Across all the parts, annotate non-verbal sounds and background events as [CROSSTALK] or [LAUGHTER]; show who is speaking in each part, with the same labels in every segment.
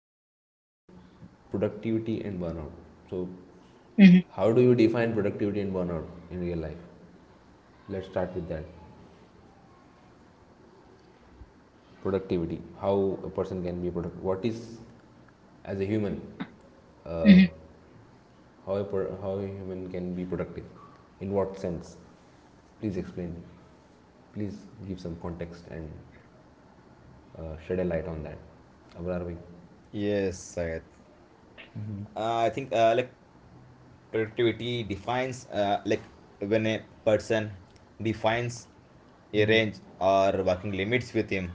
Speaker 1: So productivity and burnout. So
Speaker 2: Hmm.
Speaker 1: how do you define productivity and burnout in real life? Let's start with that. Productivity. How a person can be productive. What is as a human uh,
Speaker 2: Hmm.
Speaker 1: How a human can be productive? In what sense? Please explain. Please give some context and shed a light on that. Where are we?
Speaker 3: Yes, Syed. I think like productivity defines like when a person defines a range or working limits with him,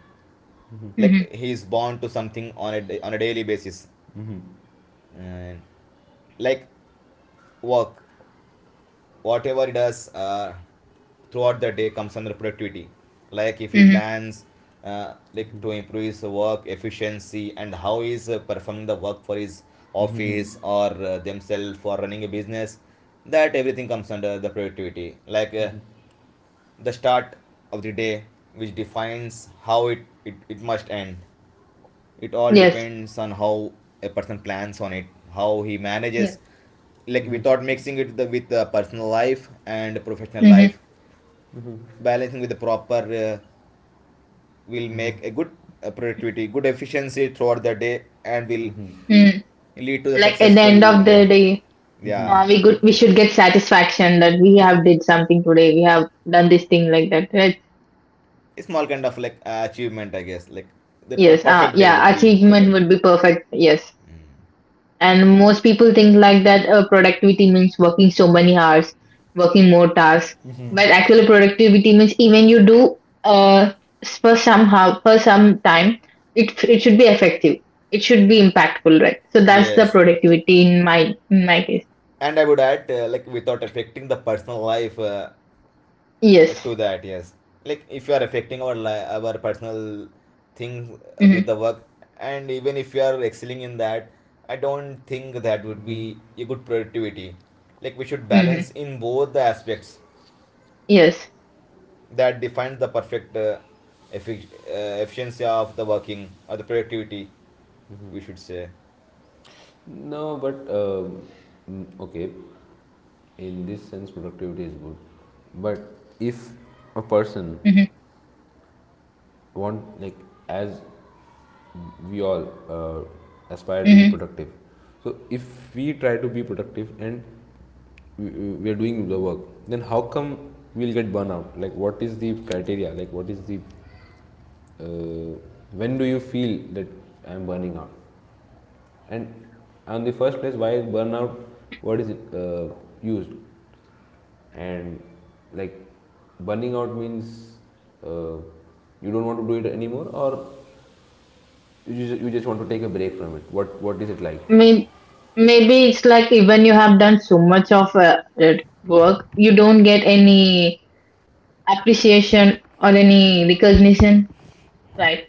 Speaker 2: Hmm.
Speaker 3: like he is bound to something on a daily basis, and like work, whatever he does, throughout the day comes under productivity. Like if he
Speaker 2: Hmm.
Speaker 3: plans like to improve his work efficiency and how he's performing the work for his office or themselves for running a business, that everything comes under the productivity, like the start of the day, which defines how it must end. It all
Speaker 2: Yes,
Speaker 3: depends on how a person plans on it, how he manages,
Speaker 2: yes.
Speaker 3: like without mixing it with the personal life and professional
Speaker 2: Hmm.
Speaker 3: life, balancing with the proper uh, will make a good productivity, good efficiency throughout the day and will
Speaker 2: Mm.
Speaker 3: lead to the
Speaker 2: Like at the
Speaker 3: successful
Speaker 2: end of the
Speaker 3: day.
Speaker 2: day,
Speaker 3: Yeah,
Speaker 2: we good.
Speaker 3: with
Speaker 2: We should get satisfaction that we have did something today. We have done this thing like that, right?
Speaker 3: a small kind of like achievement, I guess. Like the per-
Speaker 2: Yes.
Speaker 3: perfect day
Speaker 2: Yeah.
Speaker 3: would be better.
Speaker 2: Achievement would be perfect. Yes.
Speaker 3: Mm.
Speaker 2: And most people think like that productivity means working so many hours, working more tasks. But actually, productivity means even you do uh, for somehow for some time, it should be effective. It should be impactful, right? So that's the
Speaker 3: Yes,
Speaker 2: productivity in my case.
Speaker 3: and I would add like without affecting the personal life
Speaker 2: Yes.
Speaker 3: to that. Yes. Like if you are affecting our personal thing
Speaker 2: Mm-hmm.
Speaker 3: with the work, and even if you are excelling in that, I don't think that would be a good productivity. Like we should
Speaker 2: Mm-hmm.
Speaker 3: balance in both the aspects
Speaker 2: Yes.
Speaker 3: that defines the perfect efficiency of the working or the productivity, we should say.
Speaker 1: No, but okay. In this sense, productivity is good. But if a person
Speaker 2: Mm-hmm.
Speaker 1: want like as we all aspire to be
Speaker 2: Mm-hmm.
Speaker 1: productive. So if we try to be productive and we are doing the work, then how come we'll get burnout? Like what is the criteria? Like what is the, uh, when do you feel that I am burning out? And on the first place, why is burnout? What is it used? And like burning out means uh, you don't want to do it anymore, or you just want to take a break from it. What is it like?
Speaker 2: Maybe, maybe it's like even you have done so much of that work, you don't get any appreciation or any recognition. Right.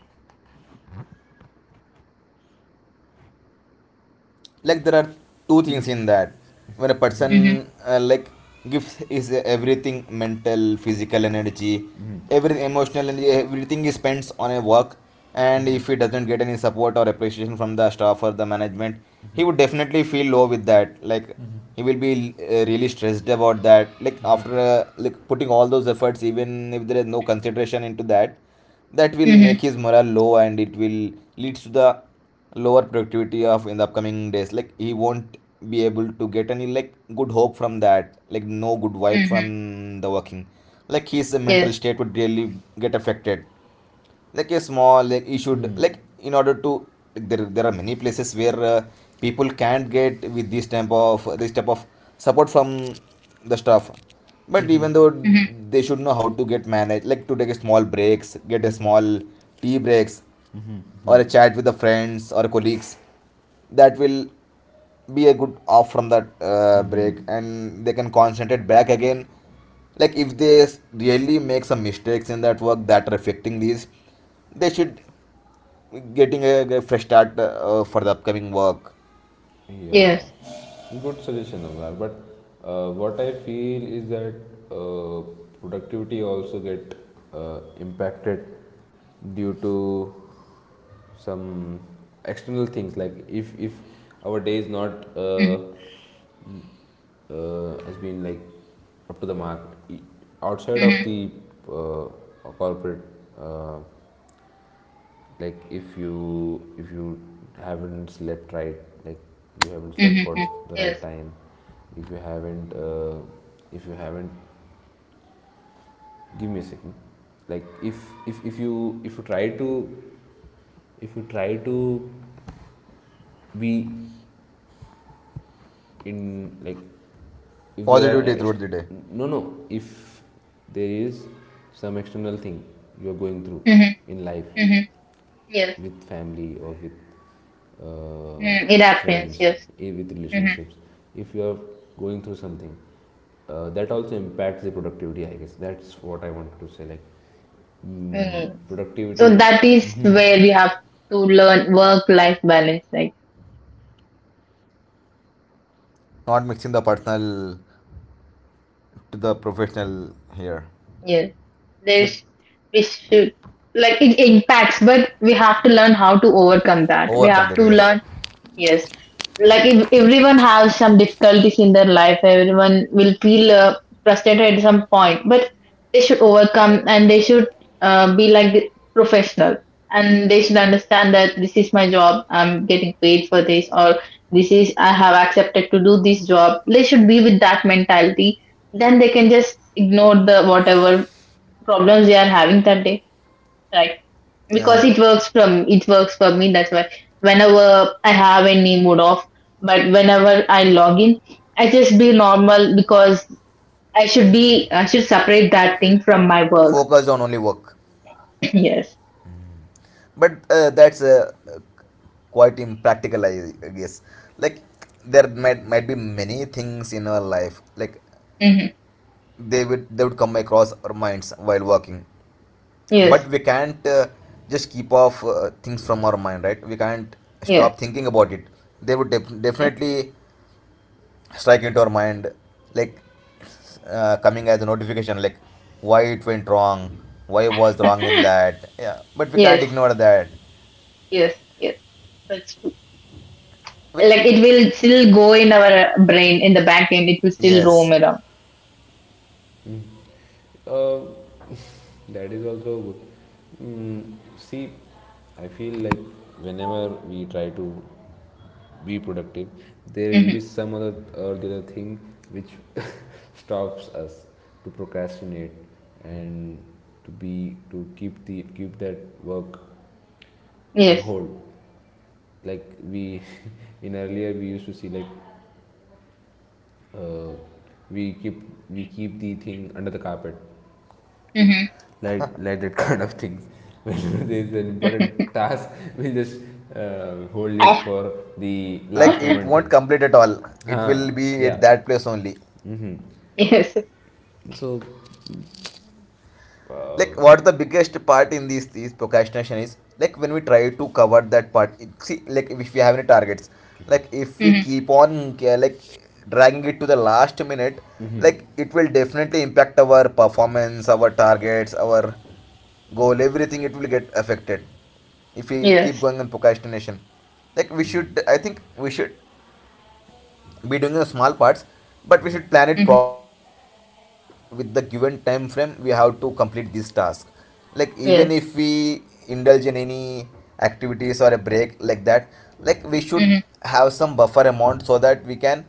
Speaker 3: Like there are two things in that. When a
Speaker 2: Mm-hmm.
Speaker 3: person like gives is everything, mental, physical energy, everything, emotional energy, everything he spends on a work, and if he doesn't get any support or appreciation from the staff or the management, he would definitely feel low with that. Like he will be really stressed about that, like after like putting all those efforts, even if there is no consideration into that, that will make
Speaker 2: Mm-hmm.
Speaker 3: his morale low, and it will lead to the lower productivity of in the upcoming days. Like he won't be able to get any like good hope from that, like no good vibe
Speaker 2: Mm-hmm.
Speaker 3: from the working. Like his mental
Speaker 2: Yes.
Speaker 3: state would really get affected. Like a small, like you should, like in order to, like there are many places where people can't get with this type of support from the staff, but even though
Speaker 2: Mm-hmm.
Speaker 3: they should know how to get managed, like to take a small breaks, get a small tea breaks or a chat with the friends or colleagues. That will be a good off from that break, and they can concentrate back again. Like if they really make some mistakes in that work that are affecting these, they should getting a fresh start for the upcoming work.
Speaker 1: Yeah,
Speaker 2: Yes.
Speaker 1: good suggestion, Amar. But what I feel is that uh, productivity also get impacted due to some external things. Like if our day is not
Speaker 2: Mm-hmm.
Speaker 1: has been like up to the mark, i- outside of
Speaker 2: Mm-hmm.
Speaker 1: the uh, corporate, uh, like if you haven't slept right, like you haven't slept
Speaker 2: Mm-hmm.
Speaker 1: for
Speaker 2: Mm-hmm.
Speaker 1: the right
Speaker 2: Yes.
Speaker 1: time, if you haven't uh, if you haven't give me a second, like if if you if you try to if you try to be in, like if there are
Speaker 3: Positivity throughout the day,
Speaker 1: no, no, if there is some external thing you are going through
Speaker 2: Mm-hmm.
Speaker 1: in life,
Speaker 2: Mm-hmm. Yes.
Speaker 1: with family or with uh,
Speaker 2: Mm, it happens.
Speaker 1: friends,
Speaker 2: Yes.
Speaker 1: with
Speaker 2: Mm-hmm.
Speaker 1: relationships, if you are going through something, that also impacts the productivity, I guess that's what I wanted to say, like
Speaker 2: Mm. So
Speaker 1: productivity,
Speaker 2: that is where we have to learn work-life balance. Like,
Speaker 3: not mixing the personal to the professional here.
Speaker 2: yes,
Speaker 3: Like
Speaker 2: there's, we should, like, it impacts, but we have to learn how to overcome that. We
Speaker 3: overcome
Speaker 2: have
Speaker 3: that,
Speaker 2: to
Speaker 3: yes.
Speaker 2: learn. Yes. Like if everyone has some difficulties in their life, everyone will feel frustrated at some point, but they should overcome and they should be like the professional, and they should understand that this is my job, I'm getting paid for this, or this is I have accepted to do this job. They should be with that mentality. Then they can just ignore the whatever problems they are having that day, right? Because
Speaker 3: Uh,
Speaker 2: it works for me, that's why whenever I have any mood off, but whenever I log in, I just be normal because I should separate that thing from my work.
Speaker 3: Focus on only work,
Speaker 2: [LAUGHS] Yes.
Speaker 3: but that's quite impractical, I guess. Like there might be many things in our life, like
Speaker 2: Hmm.
Speaker 3: they would come across our minds while working,
Speaker 2: Yes,
Speaker 3: but we can't just keep off things from our mind, right? We can't
Speaker 2: yes,
Speaker 3: stop thinking about it. They would def-
Speaker 2: yes.
Speaker 3: definitely strike into our mind, like coming as a notification, like why it went wrong, why was wrong
Speaker 2: [LAUGHS]
Speaker 3: in that. Yeah, but we can't
Speaker 2: Yes,
Speaker 3: ignore that,
Speaker 2: yes, yes, that's true.
Speaker 3: which...
Speaker 2: Like it will still go in our brain in the back end, it will still roam
Speaker 3: Yes,
Speaker 2: around.
Speaker 1: uh, that is also good. See, I feel like whenever we try to be productive, there will
Speaker 2: Mhm.
Speaker 1: be some other or the other thing which [LAUGHS] stops us to procrastinate and to keep that work on
Speaker 2: Yes.
Speaker 1: hold. Like we [LAUGHS] in earlier we used to see, like uh, we keep we keep the thing under the carpet,
Speaker 2: Mhm.
Speaker 1: like that [LAUGHS] kind of things. [LAUGHS] When there is an
Speaker 2: [LAUGHS]
Speaker 1: important task, we just hold it
Speaker 2: Ah.
Speaker 1: for the
Speaker 3: like
Speaker 1: last
Speaker 3: it
Speaker 1: moment
Speaker 3: won't
Speaker 1: thing.
Speaker 3: complete at all. It
Speaker 1: Huh,
Speaker 3: will be at
Speaker 1: yeah.
Speaker 3: that place only.
Speaker 2: Yes.
Speaker 1: So
Speaker 3: Like what the biggest part in these procrastination is, like when we try to cover that part. See, like if we have any targets, like if we
Speaker 2: Mhm.
Speaker 3: keep on like dragging it to the last minute, like it will definitely impact our performance, our targets, our goal, everything, it will get affected if we
Speaker 2: Yes.
Speaker 3: keep going on procrastination. Like we should I think we should be doing the small parts, but we should plan it
Speaker 2: Mhm.
Speaker 3: properly. Like with the given time frame, we have to complete this task. Like even
Speaker 2: Yes.
Speaker 3: if we indulge in any activities or a break like that, like we should
Speaker 2: Mhm.
Speaker 3: have some buffer amount so that we can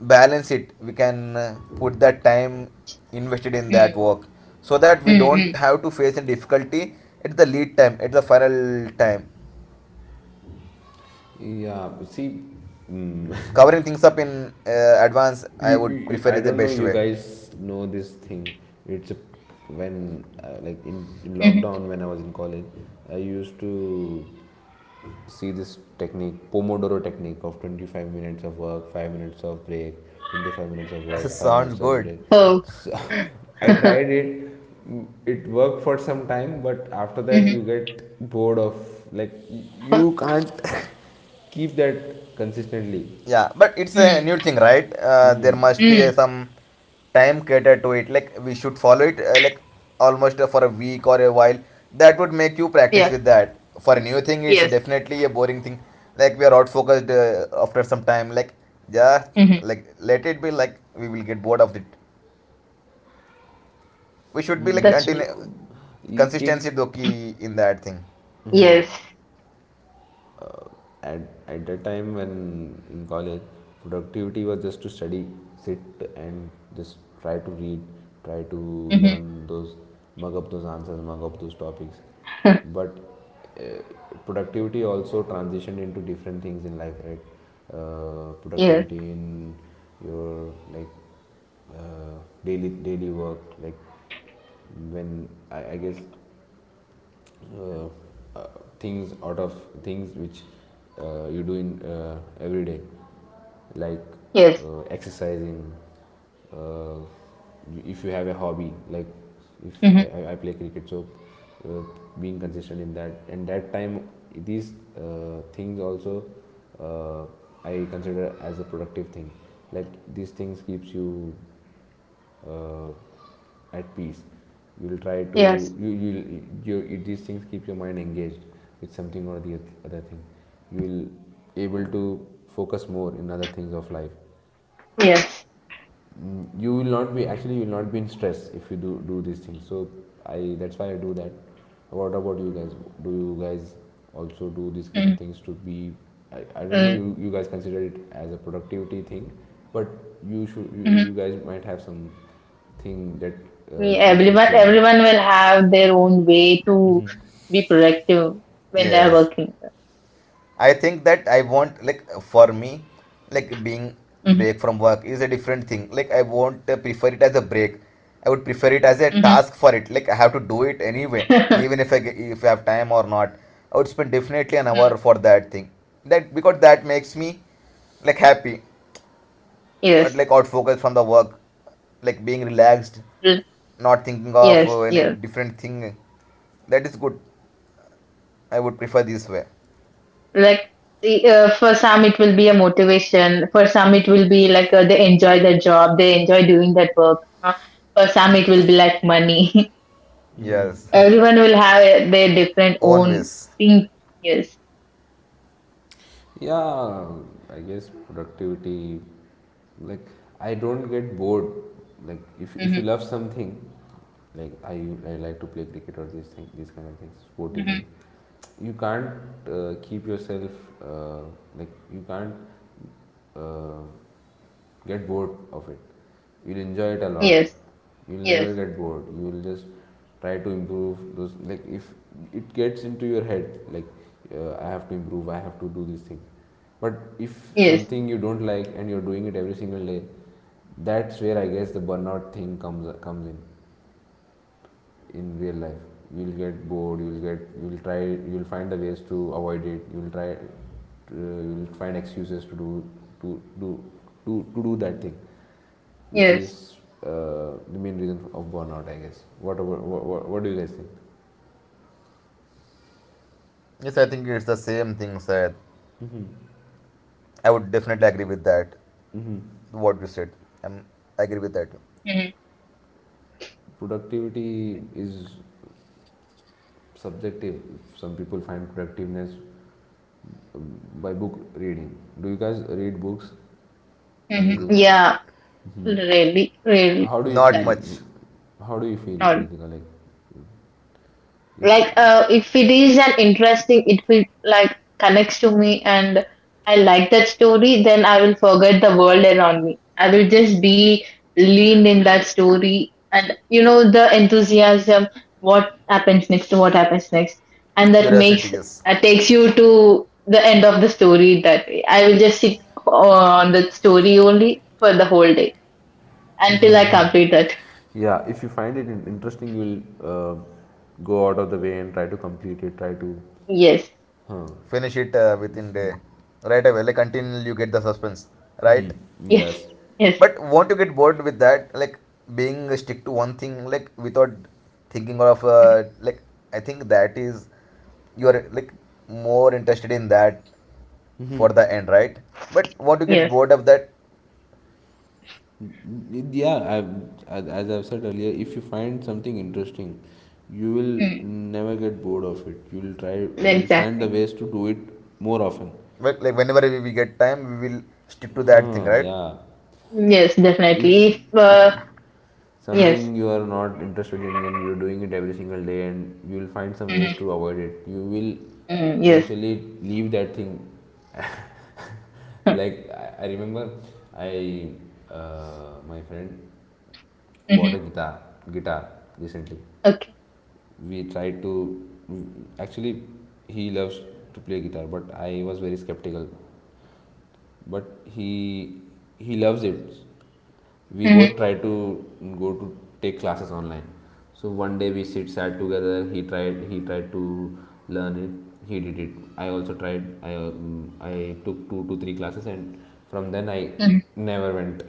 Speaker 3: balance it. We can put that time invested in that
Speaker 2: Mhm.
Speaker 3: work, so that we don't
Speaker 2: Mhm.
Speaker 3: have to face any difficulty at the lead time, at the final time.
Speaker 1: yeah, see, mm
Speaker 3: Covering things up in advance, I
Speaker 1: you,
Speaker 3: would
Speaker 1: you,
Speaker 3: prefer,
Speaker 1: I
Speaker 3: is the
Speaker 1: don't know,
Speaker 3: best
Speaker 1: you
Speaker 3: way.
Speaker 1: guys know this thing, it's a, when like in
Speaker 2: Mhm.
Speaker 1: lockdown when I was in college I used to see this technique, pomodoro technique of 25 minutes of work, 5 minutes of break, 25 minutes of
Speaker 3: [LAUGHS]
Speaker 1: work, 5
Speaker 3: Sounds
Speaker 1: minutes of
Speaker 3: good.
Speaker 1: break.
Speaker 2: Oh.
Speaker 1: So [LAUGHS] I
Speaker 2: [LAUGHS]
Speaker 1: tried it. Mm, it worked for some time but after that
Speaker 2: Mhm.
Speaker 1: you get bored of, like
Speaker 2: Huh.
Speaker 1: you can't [LAUGHS] keep that consistently.
Speaker 3: Yeah, but it's a
Speaker 2: Mm.
Speaker 3: new thing, right? There must be
Speaker 2: Mm.
Speaker 3: some time catered to it. Like we should follow it, like almost for a week or a while. That would make you practice
Speaker 2: Yes.
Speaker 3: with that. For a new thing,
Speaker 2: Yes.
Speaker 3: it's definitely a boring thing. Like we are out focused after some time. Like yeah,
Speaker 2: Mhm.
Speaker 3: like let it be. Like we will get bored of it. We should be like
Speaker 2: That's
Speaker 1: Mm,
Speaker 3: continue
Speaker 1: you- it
Speaker 3: consistency, doki in that thing.
Speaker 2: yes.
Speaker 1: at, at that time when in college, productivity was just to study, sit and just try to read, try to
Speaker 2: Mhm.
Speaker 1: learn those, mug up those answers, mug up those topics.
Speaker 2: [LAUGHS]
Speaker 1: But uh, productivity also transitioned into different things in life, right?
Speaker 2: Yes.
Speaker 1: Productivity in your, like uh, daily work, like when I guess uh, things out of things which you do in every day, like
Speaker 2: Yes.
Speaker 1: exercising, uh, if you have a hobby, like if
Speaker 2: Mhm.
Speaker 1: I play cricket, so uh, being consistent in that, and that time these things also uh, I consider as a productive thing. Like these things keeps you uh, at peace. You will try to
Speaker 2: Yes.
Speaker 1: you you you these things keep your mind engaged with something or the other thing. You will able to focus more in other things of life.
Speaker 2: Yes.
Speaker 1: You will not be, actually you will not be in stress if you do these things, so I that's why I do that. What about you guys? Do you guys also do these kind of
Speaker 2: Mhm.
Speaker 1: things to be, I don't know,
Speaker 2: Mm.
Speaker 1: you, guys consider it as a productivity thing, but you should,
Speaker 2: Mhm.
Speaker 1: you guys might have some thing that keeps you
Speaker 2: Everyone,
Speaker 1: sane.
Speaker 2: everyone will have their own way to be productive when they are
Speaker 3: Yes.
Speaker 2: working.
Speaker 3: I think that I want like for me, like being
Speaker 2: Mhm.
Speaker 3: break from work is a different thing. Like I won't prefer it as a break. I would prefer it as a
Speaker 2: Mhm.
Speaker 3: task for it. Like I have to do it anyway, even
Speaker 2: [LAUGHS]
Speaker 3: if if I have time or not. I would spend definitely an hour
Speaker 2: Mhm.
Speaker 3: for that thing. That because that makes me like happy, or
Speaker 2: Yes.
Speaker 3: like out focus from the work, like being relaxed, not thinking of
Speaker 2: Yes.
Speaker 3: any
Speaker 2: Yes.
Speaker 3: different thing. That is good. I would prefer this way.
Speaker 2: Like for some it will be a motivation. For some it will be like they enjoy their job, they enjoy doing that work. For some it will be like money. [LAUGHS]
Speaker 3: Yes,
Speaker 2: Everyone will have their different
Speaker 3: [LAUGHS] own
Speaker 2: own
Speaker 3: ways.
Speaker 2: thing. Yes.
Speaker 1: Yeah, I guess productivity, like I don't get bored, like if
Speaker 2: Hmm.
Speaker 1: you love something, like I like to play cricket or these thing these kind of things, sporty
Speaker 2: Hmm.
Speaker 1: things. You can't keep yourself, uh, like you can't uh, get bored of it. You'll enjoy it a lot.
Speaker 2: Yes.
Speaker 1: You'll
Speaker 2: Yes.
Speaker 1: never get bored, you will just try to improve those, like if it gets into your head like I have to improve, I have to do this thing. But if
Speaker 2: Yes.
Speaker 1: something you don't like and you're doing it every single day, that's where I guess the burnout thing comes in real life. You'll get bored. You'll get. You'll try. You'll find the ways to avoid it. You'll try. To, you'll find excuses to do to do to do that thing, which
Speaker 2: Yes.
Speaker 1: is the main reason of burnout, I guess. What do you guys think?
Speaker 3: Yes, I think it's the same thing, sir.
Speaker 1: Mm-hmm.
Speaker 3: I would definitely agree with that.
Speaker 1: Mm-hmm.
Speaker 3: What you said, I'm, I agree with that.
Speaker 2: Hmm.
Speaker 1: Productivity is subjective. Some people find productiveness by book reading. Do you guys read books? Any
Speaker 2: Hmm.
Speaker 3: N-
Speaker 1: books?
Speaker 2: Yeah. Really. Really.
Speaker 1: How do you
Speaker 3: Not
Speaker 2: That
Speaker 1: feel?
Speaker 3: much.
Speaker 1: How do you feel,
Speaker 2: not
Speaker 1: Ritika? Like,
Speaker 2: like
Speaker 1: if
Speaker 2: if it is an interesting, it will like connects to me, and I like that story, then I will forget the world around me, I will just be leaned in that story. And you know the enthusiasm, what happens next, to what happens next, and that
Speaker 3: Curiosity,
Speaker 2: makes
Speaker 3: yes.
Speaker 2: takes you to the end of the story that way. I will just sit on the story only for the whole day until I complete that.
Speaker 1: yeah, if you find it interesting, you'll uh, go out of the way and try to complete it. Try to,
Speaker 2: Yes,
Speaker 3: Finish it within day, right away. Like until you get the suspense, right?
Speaker 2: yes,
Speaker 1: yes.
Speaker 2: yes. [LAUGHS]
Speaker 3: But won't you get bored with that? Like being stick to one thing, like without thinking of like. I think that is you are like more interested in that for the end, right? But won't you get
Speaker 2: Yes.
Speaker 3: bored of that?
Speaker 1: Yeah, I've, as I've said earlier, if you find something interesting, you will
Speaker 2: Mm,
Speaker 1: never get bored of it. You'll try. You'll find the
Speaker 2: exactly.
Speaker 1: ways to do it more often.
Speaker 3: But like whenever we get time, we will stick to that thing,
Speaker 1: Huh,
Speaker 3: right?
Speaker 1: yeah.
Speaker 2: Yes,
Speaker 1: if
Speaker 2: definitely. If,
Speaker 1: if
Speaker 2: yes.
Speaker 1: something you are not interested in and you're doing it every single day and you'll find some ways
Speaker 2: Mhm.
Speaker 1: to avoid it, you will
Speaker 2: Mm, yes.
Speaker 1: eventually leave that thing. [LAUGHS]
Speaker 2: [LAUGHS]
Speaker 1: Like I remember, I my friend
Speaker 2: Mhm.
Speaker 1: bought a guitar recently.
Speaker 2: Okay.
Speaker 1: We tried to, actually he loves to play guitar but I was very skeptical, but he loves it. We
Speaker 2: Mhm.
Speaker 1: both try to go to take classes online, so one day we sit sat together, he tried to learn it, he did it. I also tried, I took two to three classes and from then I
Speaker 2: Mhm.
Speaker 1: never went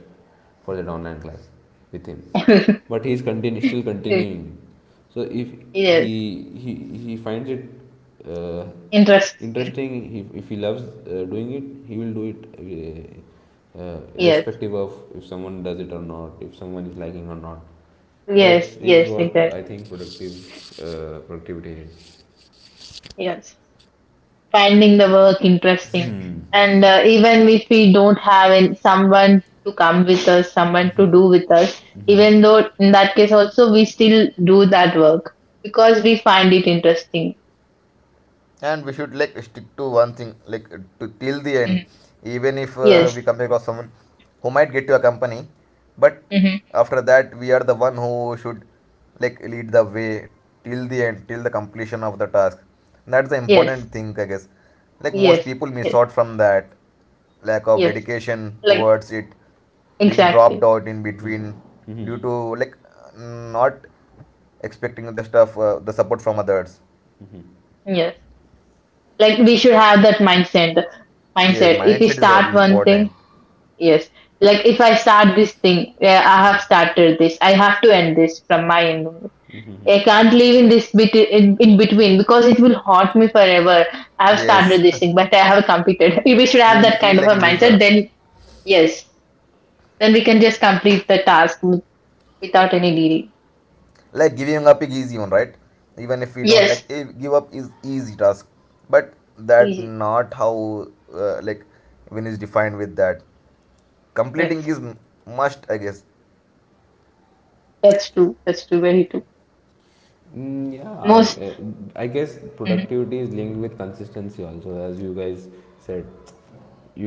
Speaker 1: for that online class with him,
Speaker 2: [LAUGHS]
Speaker 1: but he's still continuing. So if
Speaker 2: Yes.
Speaker 1: he he he finds it uh,
Speaker 2: Interest.
Speaker 1: interesting, if he loves doing it, he will do it,
Speaker 2: Yes.
Speaker 1: irrespective of if someone does it or not, if someone is liking or not. That
Speaker 2: Yes.
Speaker 1: is
Speaker 2: Yes.
Speaker 1: what I
Speaker 2: Exactly.
Speaker 1: think productive, productivity is.
Speaker 2: Yes. Finding the work interesting, and even if we don't have someone to come with us, someone to do with us, even though, in that case also we still do that work because we find it interesting.
Speaker 3: And we should like stick to one thing, like to till the end.
Speaker 2: Mhm.
Speaker 3: Even if
Speaker 2: Yes.
Speaker 3: we come across someone who might get to a company, but
Speaker 2: Mhm.
Speaker 3: after that we are the one who should like lead the way till the end, till the completion of the task. That's the
Speaker 2: Yes.
Speaker 3: important thing, I guess. Like most
Speaker 2: Yes.
Speaker 3: people miss
Speaker 2: Yes.
Speaker 3: out from that. Lack of
Speaker 2: Yes.
Speaker 3: dedication
Speaker 2: Like.
Speaker 3: towards it, being dropped
Speaker 2: Exactly.
Speaker 3: out in between, due
Speaker 1: Mhm.
Speaker 3: to like not expecting the stuff the support from others.
Speaker 2: Yes. Like we should have that mindset. Mindset.
Speaker 3: Yes,
Speaker 2: If we
Speaker 3: mindset is
Speaker 2: start one thing,
Speaker 3: important.
Speaker 2: yes. Like if I start this thing, yeah, I have started this. I have to end this from my end. I can't leave in this bit in between because it will haunt me forever. I have
Speaker 3: Yes,
Speaker 2: started this
Speaker 3: [LAUGHS]
Speaker 2: thing, but I have completed. [LAUGHS] We should have
Speaker 3: we'll
Speaker 2: that
Speaker 3: feel
Speaker 2: kind of
Speaker 3: like
Speaker 2: a
Speaker 3: a
Speaker 2: mindset.
Speaker 3: loser.
Speaker 2: Then, yes, then we can just complete the task without any delay.
Speaker 3: Like giving up is easy one, right? Even if we don't like
Speaker 2: Yes,
Speaker 3: give up is easy task, but that
Speaker 2: easy.
Speaker 3: not how like win is defined with that.
Speaker 2: Yes,
Speaker 3: Completing is must, I guess.
Speaker 2: that's true. That's true. Very true.
Speaker 1: Yeah,
Speaker 2: Most.
Speaker 1: I guess
Speaker 2: Hmm.
Speaker 1: productivity is linked with consistency also, as you guys said.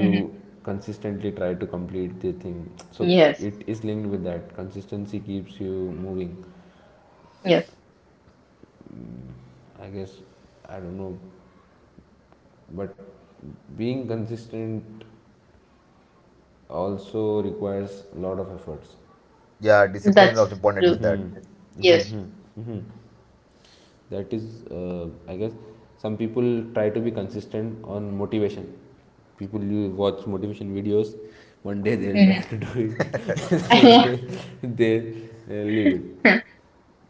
Speaker 2: Hmm.
Speaker 1: consistently try to complete the thing. So
Speaker 2: Yes.
Speaker 1: it is linked with that. Consistency keeps you moving.
Speaker 2: Yeah,
Speaker 1: I guess, I don't know, but being consistent also requires a lot of efforts.
Speaker 3: Yeah, discipline is also
Speaker 2: that's
Speaker 3: important
Speaker 2: true.
Speaker 3: with that.
Speaker 1: hmm
Speaker 2: Yes.
Speaker 1: hmm hmm that is, I guess, some people try to be consistent on motivation, people, you watch motivation videos, one day they'll
Speaker 2: Hmm.
Speaker 1: try to do it, [LAUGHS] the next
Speaker 2: [LAUGHS]
Speaker 1: day they leave it.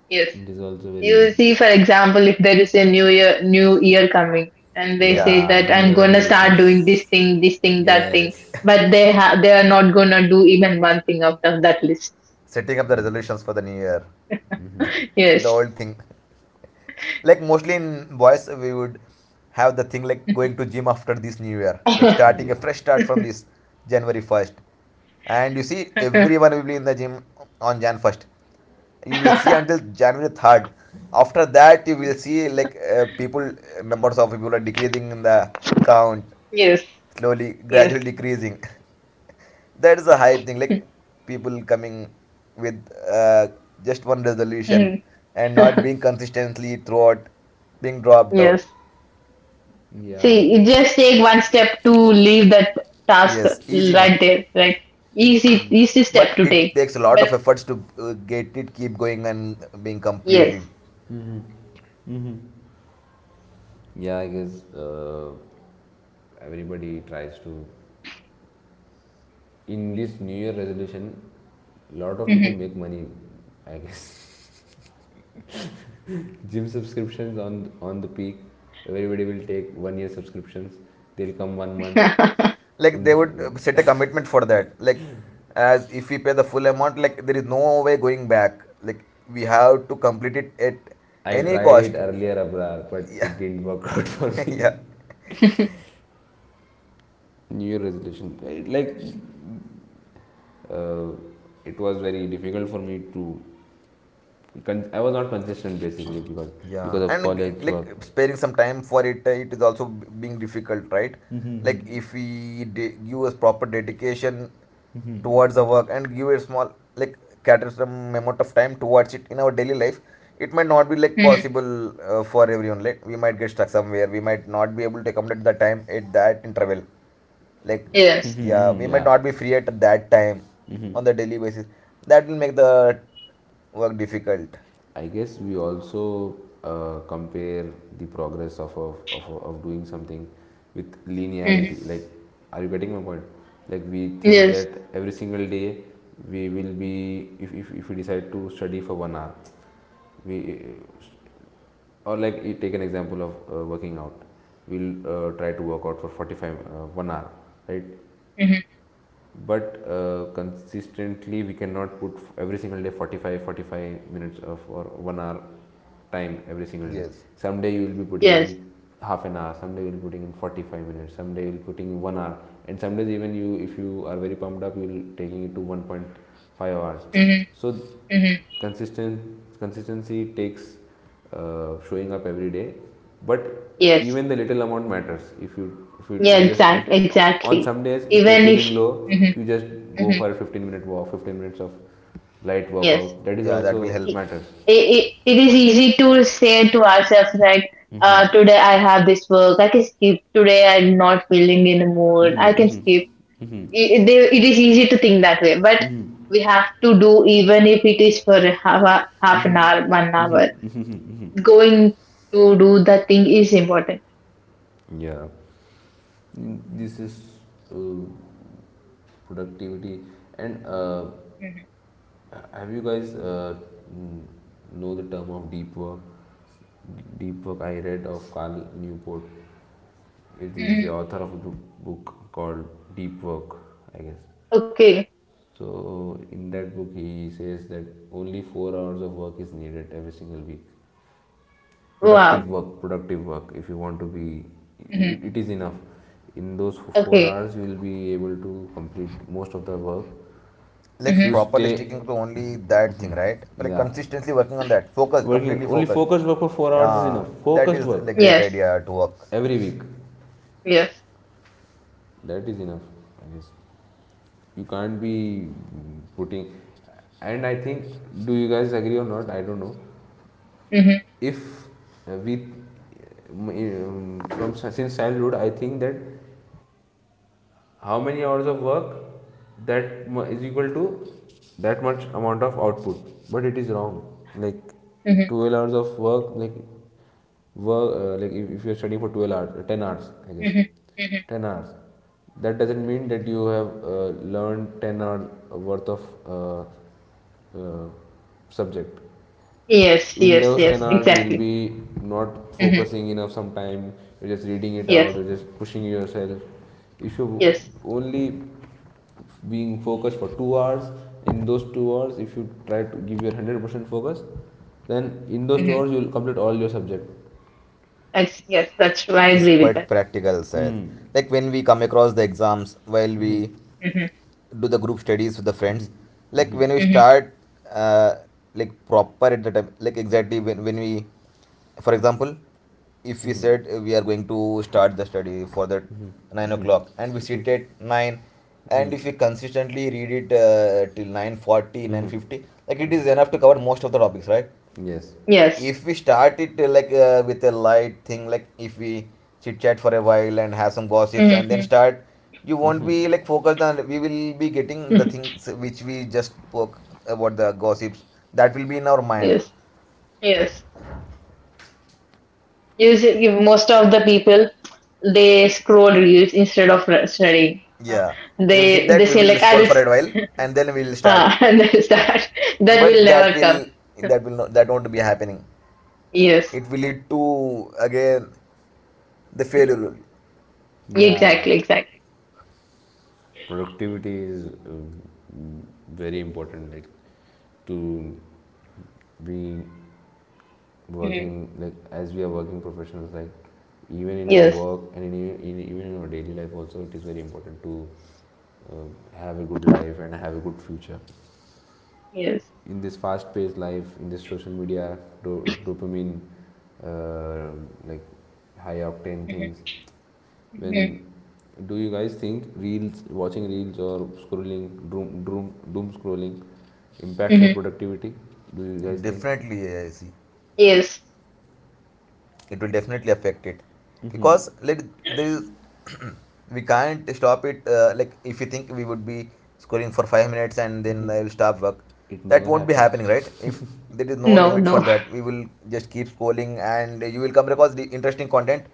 Speaker 2: Yes.
Speaker 1: It is also
Speaker 2: You
Speaker 1: very,
Speaker 2: see, for example, if there is a new year coming, and they
Speaker 3: Yeah.
Speaker 2: say
Speaker 1: yeah,
Speaker 2: that
Speaker 1: new
Speaker 2: I'm
Speaker 1: year
Speaker 2: gonna start doing
Speaker 1: resolutions,
Speaker 2: this thing, that thing,
Speaker 1: yes,
Speaker 2: but they
Speaker 3: [LAUGHS]
Speaker 2: have they are not gonna do even one thing out of that list.
Speaker 3: Setting up the resolutions for the new year,
Speaker 2: [LAUGHS]
Speaker 3: the
Speaker 2: Yes.
Speaker 3: old thing, like mostly in boys we would have the thing like going to gym after this new year,
Speaker 2: [LAUGHS]
Speaker 3: like starting a
Speaker 1: yeah,
Speaker 3: fresh start from this January 1st, and you see everyone will be in the gym on Jan 1st. You will see until January 3rd. After that, you will see like people, numbers of people are decreasing in the count,
Speaker 2: Yes.
Speaker 3: slowly,
Speaker 2: Yes.
Speaker 3: gradually decreasing. [LAUGHS] That is a hype thing, like people coming with uh, just one resolution
Speaker 2: Mhm.
Speaker 3: and not
Speaker 2: [LAUGHS]
Speaker 3: being consistently throughout, being dropped out.
Speaker 2: Yes.
Speaker 1: yeah.
Speaker 2: See, you just take one step to leave that task
Speaker 3: Yes, easy one.
Speaker 2: right there. Right. Easy, easy
Speaker 3: But
Speaker 2: step to
Speaker 3: it
Speaker 2: take.
Speaker 3: takes a lot
Speaker 2: But,
Speaker 3: of efforts to get it, keep going and being
Speaker 2: yes.
Speaker 3: completed.
Speaker 1: Yeah, I guess everybody tries to, in this new year resolution a lot of people
Speaker 2: Mm-hmm.
Speaker 1: make money, I guess. [LAUGHS] Gym subscriptions on the peak, everybody will take one year subscriptions, they'll come one month
Speaker 2: [LAUGHS]
Speaker 3: Like
Speaker 1: in
Speaker 3: they
Speaker 1: the,
Speaker 3: would set a commitment for that, like as if we pay the full amount, like there is no way going back, like we have to complete it at
Speaker 1: I
Speaker 3: any
Speaker 1: tried it
Speaker 3: cost.
Speaker 1: earlier, Abrar,
Speaker 3: [LAUGHS]
Speaker 1: but
Speaker 3: Yeah.
Speaker 1: it didn't work [LAUGHS] out for
Speaker 3: [LAUGHS] Yeah.
Speaker 1: me. [LAUGHS] New year resolution, like uh, it was very difficult for me to, I was not consistent basically, because
Speaker 3: Yeah,
Speaker 1: of
Speaker 3: and
Speaker 1: college
Speaker 3: like
Speaker 1: work.
Speaker 3: sparing some time for it, it is also being difficult, right? Like if we give a proper dedication towards the work and give a small, like cater some amount of time towards it in our daily life, it might not be like
Speaker 2: Hmm.
Speaker 3: possible for everyone. Like we might get stuck somewhere, we might not be able to accommodate the time at that interval. Like
Speaker 2: Yes.
Speaker 1: Mm-hmm,
Speaker 3: yeah,
Speaker 1: mm-hmm.
Speaker 3: we might
Speaker 1: Yeah.
Speaker 3: not be free at that time on the daily basis. That will make the work difficult.
Speaker 1: I guess we also compare the progress of doing something with
Speaker 2: Hmm.
Speaker 1: linearity. Like, are you getting my point? Like, we think
Speaker 2: Yes.
Speaker 1: that every single day we will be, if we decide to study for one hour, we, or like, you take an example of working out, we'll try to work out for 45, one hour, right?
Speaker 2: Hmm.
Speaker 1: But consistently we cannot put every single day 45 45 minutes of, or one hour time every single day.
Speaker 3: Yes,
Speaker 1: Someday you will be putting
Speaker 2: Yes.
Speaker 1: in half an hour, someday you will be putting in 45 minutes, someday you will be putting in one hour, and some days even you, if you are very pumped up, you will be taking it to 1.5 hours.
Speaker 2: Hmm.
Speaker 1: So
Speaker 2: Hmm.
Speaker 1: consistent consistency takes, showing up every day, but
Speaker 2: Yes.
Speaker 1: even the little amount matters. If you, if you
Speaker 2: Yeah,
Speaker 1: just if
Speaker 2: exact
Speaker 1: on
Speaker 2: exactly.
Speaker 1: some days, if you're
Speaker 2: Even if,
Speaker 1: feeling low,
Speaker 2: hmm,
Speaker 1: you just go
Speaker 2: hmm,
Speaker 1: for a 15-minute walk, 15 minutes of light
Speaker 2: yes.
Speaker 1: workout. That is
Speaker 3: yeah, that will
Speaker 1: also
Speaker 3: help.
Speaker 2: It,
Speaker 1: matters.
Speaker 2: it is easy to say to ourselves like today I have this work, I can skip. Today I'm not feeling in a mood, I can skip. It is easy to think that way, but we have to do, even if it is for half, half an hour, 1 hour. Going to do the thing is important.
Speaker 1: Yeah. This is uh, productivity. And
Speaker 2: Mm-hmm.
Speaker 1: have you guys, know the term of deep work? Deep Work, I read of Cal Newport. It is
Speaker 2: Mm-hmm.
Speaker 1: the author of a book called Deep Work, I guess.
Speaker 2: Okay.
Speaker 1: So in that book, he says that only 4 hours of work is needed every single week. productive
Speaker 2: Wow.
Speaker 1: work productive work if you want to be, it,
Speaker 2: Mm-hmm.
Speaker 1: it is enough. In those four
Speaker 2: Okay.
Speaker 1: hours you will be able to complete most of the work
Speaker 3: Like
Speaker 1: if
Speaker 2: Mm-hmm.
Speaker 1: you
Speaker 3: properly
Speaker 1: stay.
Speaker 3: sticking to only that thing, right?
Speaker 1: [LAUGHS]
Speaker 3: Like
Speaker 1: Yeah,
Speaker 3: consistently working on that, focused,
Speaker 1: working
Speaker 3: completely
Speaker 1: only
Speaker 3: focused.
Speaker 1: focused work for 4 hours is
Speaker 3: Yeah,
Speaker 1: enough
Speaker 3: that
Speaker 1: focused
Speaker 3: is
Speaker 1: work
Speaker 3: like great
Speaker 2: Yes.
Speaker 3: idea to work.
Speaker 1: every week.
Speaker 2: Yes.
Speaker 1: That is enough, I guess. You can't be putting, and I think, do you guys agree or not, I don't know.
Speaker 2: Mm-hmm.
Speaker 1: If we From since childhood I think that how many hours of work, that is equal to that much amount of output, but it is wrong. Like
Speaker 2: Mm-hmm.
Speaker 1: 12 hours of work, like work, like if you're studying for 12 hours, 10 hours I guess,
Speaker 2: Mm-hmm. Mm-hmm.
Speaker 1: 10 hours. That doesn't mean that you have learned 10 hours worth of uh, uh, subject.
Speaker 2: Yes.
Speaker 1: In
Speaker 2: Yes.
Speaker 1: those 10
Speaker 2: Yes.
Speaker 1: hours you will
Speaker 2: Exactly.
Speaker 1: be not
Speaker 2: Mm-hmm.
Speaker 1: focusing enough sometime. You're just reading it
Speaker 2: Yes.
Speaker 1: out, you're just pushing yourself. If you
Speaker 2: Yes.
Speaker 1: only being focused for 2 hours, in those 2 hours if you try to give your 100% focus, then in
Speaker 2: Mm-hmm.
Speaker 1: those 2 hours you will complete all your subject.
Speaker 2: That's, yes. That's true. I
Speaker 3: It's
Speaker 2: agree with that.
Speaker 3: quite practical, Syed.
Speaker 1: Mm.
Speaker 3: Like when we come across the exams, while we
Speaker 2: Mm-hmm.
Speaker 3: do the group studies with the
Speaker 1: Hmm.
Speaker 3: friends, like
Speaker 1: Hmm.
Speaker 3: when we
Speaker 2: Mm-hmm.
Speaker 3: start uh, like proper at the time, like exactly when we, for example, if we
Speaker 1: Hmm.
Speaker 3: said we are going to start the study for that 9 o'clock and we sit at 9, and if we consistently read it till 9:40, 9:50, like it is enough to cover most of the topics, right?
Speaker 1: Yes.
Speaker 2: Yes.
Speaker 3: If we start it like with a light thing, like if we chit chat for a while and have some gossips and then
Speaker 2: Mm-hmm.
Speaker 3: start, you won't be like focused on, we will be getting the
Speaker 2: [LAUGHS]
Speaker 3: things which we just spoke about, the gossips that will be in our mind.
Speaker 2: Yes. Yes. Usually, most of the people, they scroll reels instead of studying.
Speaker 3: Yeah, they will think
Speaker 2: They
Speaker 3: that we
Speaker 2: say
Speaker 3: will
Speaker 2: like, I
Speaker 3: scroll
Speaker 2: will...
Speaker 3: for a while and then we will start,
Speaker 2: Ah. [LAUGHS] And there's that. That will
Speaker 3: but that
Speaker 2: never come.
Speaker 3: will that will not, that won't be happening.
Speaker 2: Yes.
Speaker 3: It will lead to again the failure.
Speaker 1: Yeah.
Speaker 2: Exactly, exactly.
Speaker 1: Productivity is uh, very important, like, to being
Speaker 2: Mhm.
Speaker 1: working, like as we are working professionals, like, even in our
Speaker 2: Yes.
Speaker 1: work and in even in our daily life also, it is very important to uh, have a good life and have a good future.
Speaker 2: Yes.
Speaker 1: In this fast paced life, in this social media dopamine, uh, like high octane
Speaker 2: Mhm.
Speaker 1: things. When,
Speaker 2: Mhm.
Speaker 1: do you guys think reels, watching reels or scrolling doom scrolling impacts your
Speaker 2: Mhm.
Speaker 1: productivity? Do you guys think?
Speaker 3: Definitely I see,
Speaker 2: Yes.
Speaker 3: it will definitely affect it, because let there is [CLEARS THROAT] we can't stop it like if you think we would be scoring for 5 minutes and then I will stop work,
Speaker 1: It
Speaker 3: that
Speaker 1: never
Speaker 3: won't be
Speaker 1: happened.
Speaker 3: happening, right? If there is no
Speaker 2: No,
Speaker 3: limit for
Speaker 2: no.
Speaker 3: that, we will just keep scrolling, and you will come across the interesting content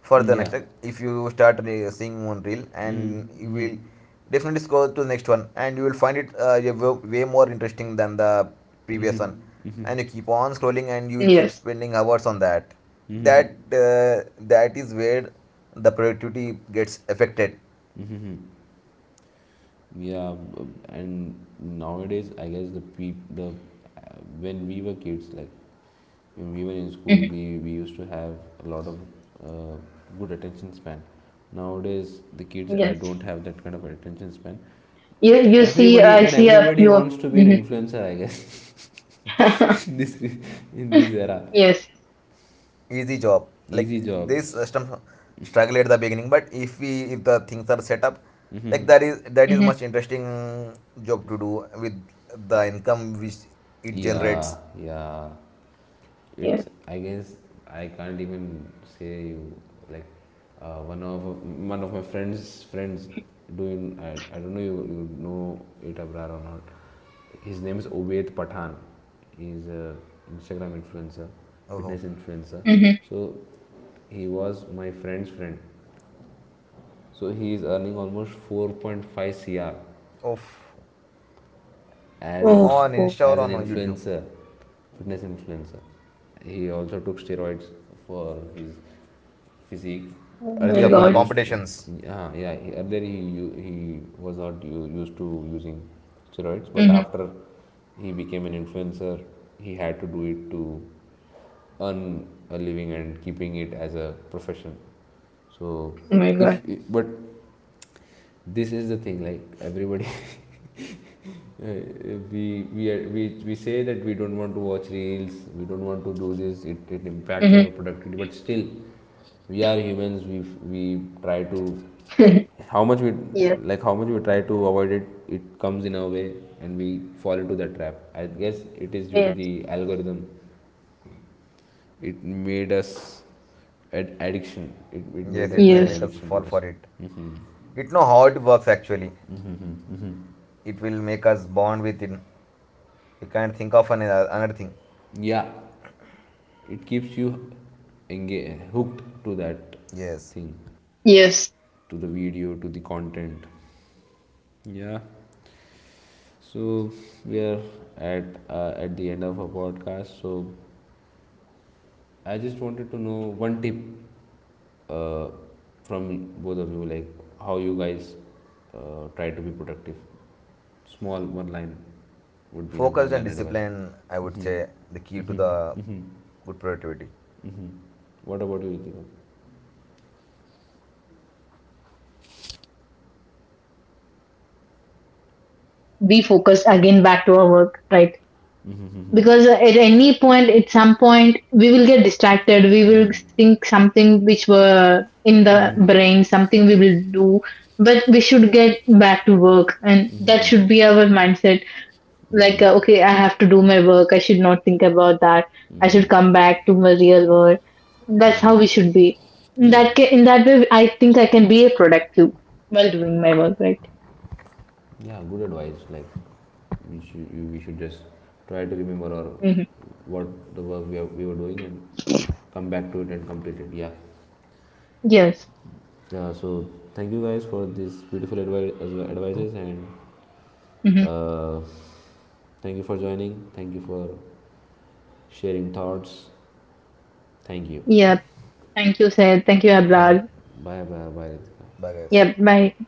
Speaker 3: for the next,
Speaker 1: Yeah.
Speaker 3: like, if you start seeing one reel, and you will definitely scroll to the next one, and you will find it yeah, way more interesting than the previous one, and you keep on scrolling,
Speaker 2: Yes.
Speaker 3: and you will keep spending hours on that. that
Speaker 1: [LAUGHS]
Speaker 3: uh, that is where the productivity gets affected.
Speaker 1: Hmm. Yeah, and nowadays, I guess, the peop the when we were kids, like when we were in
Speaker 2: Mhm.
Speaker 1: school, we used to have a lot of uh, good attention span. Nowadays, the kids, I
Speaker 2: Yes.
Speaker 1: don't have that kind of attention span.
Speaker 2: You see, I see a
Speaker 1: Everybody
Speaker 2: few of.
Speaker 1: wants to be an
Speaker 2: Mhm.
Speaker 1: influencer, I guess. [LAUGHS] in
Speaker 2: [LAUGHS]
Speaker 1: this in this era,
Speaker 2: Yes.
Speaker 3: Easy job, like
Speaker 1: easy job.
Speaker 3: this system, struggle at the beginning, but if the things are set up, like
Speaker 1: [LAUGHS]
Speaker 3: that is
Speaker 2: Mm-hmm.
Speaker 3: much interesting job to do with the income which it generates.
Speaker 1: Yeah, yeah. It's,
Speaker 2: Yes.
Speaker 1: I guess, I can't even say you, like, one of my friends friends doing. I don't know, you know it Abrar or not. His name is Obet Pathan. He's a Instagram influencer,
Speaker 3: Oh,
Speaker 1: fitness influencer.
Speaker 2: Mm-hmm.
Speaker 1: So he was my friend's friend. So he is earning almost 4.5 cr
Speaker 3: of.
Speaker 2: Oh,
Speaker 1: as
Speaker 3: On
Speaker 2: oh,
Speaker 3: Insta or
Speaker 1: an
Speaker 3: on YouTube?
Speaker 1: influencer, fitness influencer. He also took steroids for his physique.
Speaker 2: oh my
Speaker 3: Acha,
Speaker 1: Earlier he
Speaker 3: for the
Speaker 2: God.
Speaker 1: used,
Speaker 3: competitions.
Speaker 1: yeah, yeah. Earlier he he was not used to using steroids, but
Speaker 2: Mm-hmm.
Speaker 1: after he became an influencer, he had to do it to earn a living and keeping it as a profession. So,
Speaker 2: Oh my God.
Speaker 1: if but this is the thing, like everybody, [LAUGHS] we say that we don't want to watch reels, we don't want to do this, it impacts
Speaker 2: Mm-hmm.
Speaker 1: our productivity, but still we are humans, we try to,
Speaker 2: [LAUGHS]
Speaker 1: how much we,
Speaker 2: Yes.
Speaker 1: like how much we try to avoid it, it comes in our way and we fall into that trap, I guess. It is due to the
Speaker 2: Yes.
Speaker 1: algorithm. It made us an addiction, it made
Speaker 3: Yes,
Speaker 1: us
Speaker 3: it will
Speaker 1: like an
Speaker 3: make
Speaker 2: Yes.
Speaker 3: us
Speaker 1: addiction to
Speaker 3: fall
Speaker 1: us.
Speaker 3: for it. It know how it works actually. It will make us bond with it. We can't think of another thing.
Speaker 1: Yeah, it keeps you engaged, hooked to that
Speaker 3: Yes.
Speaker 1: thing,
Speaker 2: Yes.
Speaker 1: to the video, to the content. So we are at the end of our podcast. So I just wanted to know one tip uh, from both of you, like how you guys try to be productive. Small one line would be enough.
Speaker 3: Focused
Speaker 1: One
Speaker 3: and
Speaker 1: line advice.
Speaker 3: discipline, I would
Speaker 1: Mm-hmm.
Speaker 3: say, the key to the good productivity.
Speaker 1: Mm-hmm. What about you, Ritika?
Speaker 2: We focus again back to our work, right?
Speaker 1: Mm-hmm. Mm-hmm.
Speaker 2: Because at any point, at some point we will get distracted, we will think something which were in the brain, something we will do, but we should get back to work, and that
Speaker 1: Mm-hmm.
Speaker 2: should be our mindset. Like,
Speaker 1: Mm-hmm.
Speaker 2: okay, I have to do my work, I should not think about that. I should come back to my real world. That's how we should be.
Speaker 1: Yeah.
Speaker 2: In that way, I think I can be a productive while doing my work, right.
Speaker 1: Yeah, good advice. Like, we should, we should just try to remember or
Speaker 2: Hmm.
Speaker 1: what the work we were doing and come back to it and complete it. Yeah.
Speaker 2: Yes.
Speaker 1: Uh, so thank you guys for this beautiful advices, and
Speaker 2: Hmm.
Speaker 1: uh, thank you for joining, thank you for sharing thoughts. Thank you.
Speaker 2: Yeah, thank you sir, thank you
Speaker 3: Thank you.
Speaker 2: abrad.
Speaker 1: Bye, bye, bye Ritika.
Speaker 3: Bye, guys.
Speaker 2: Yeah, bye.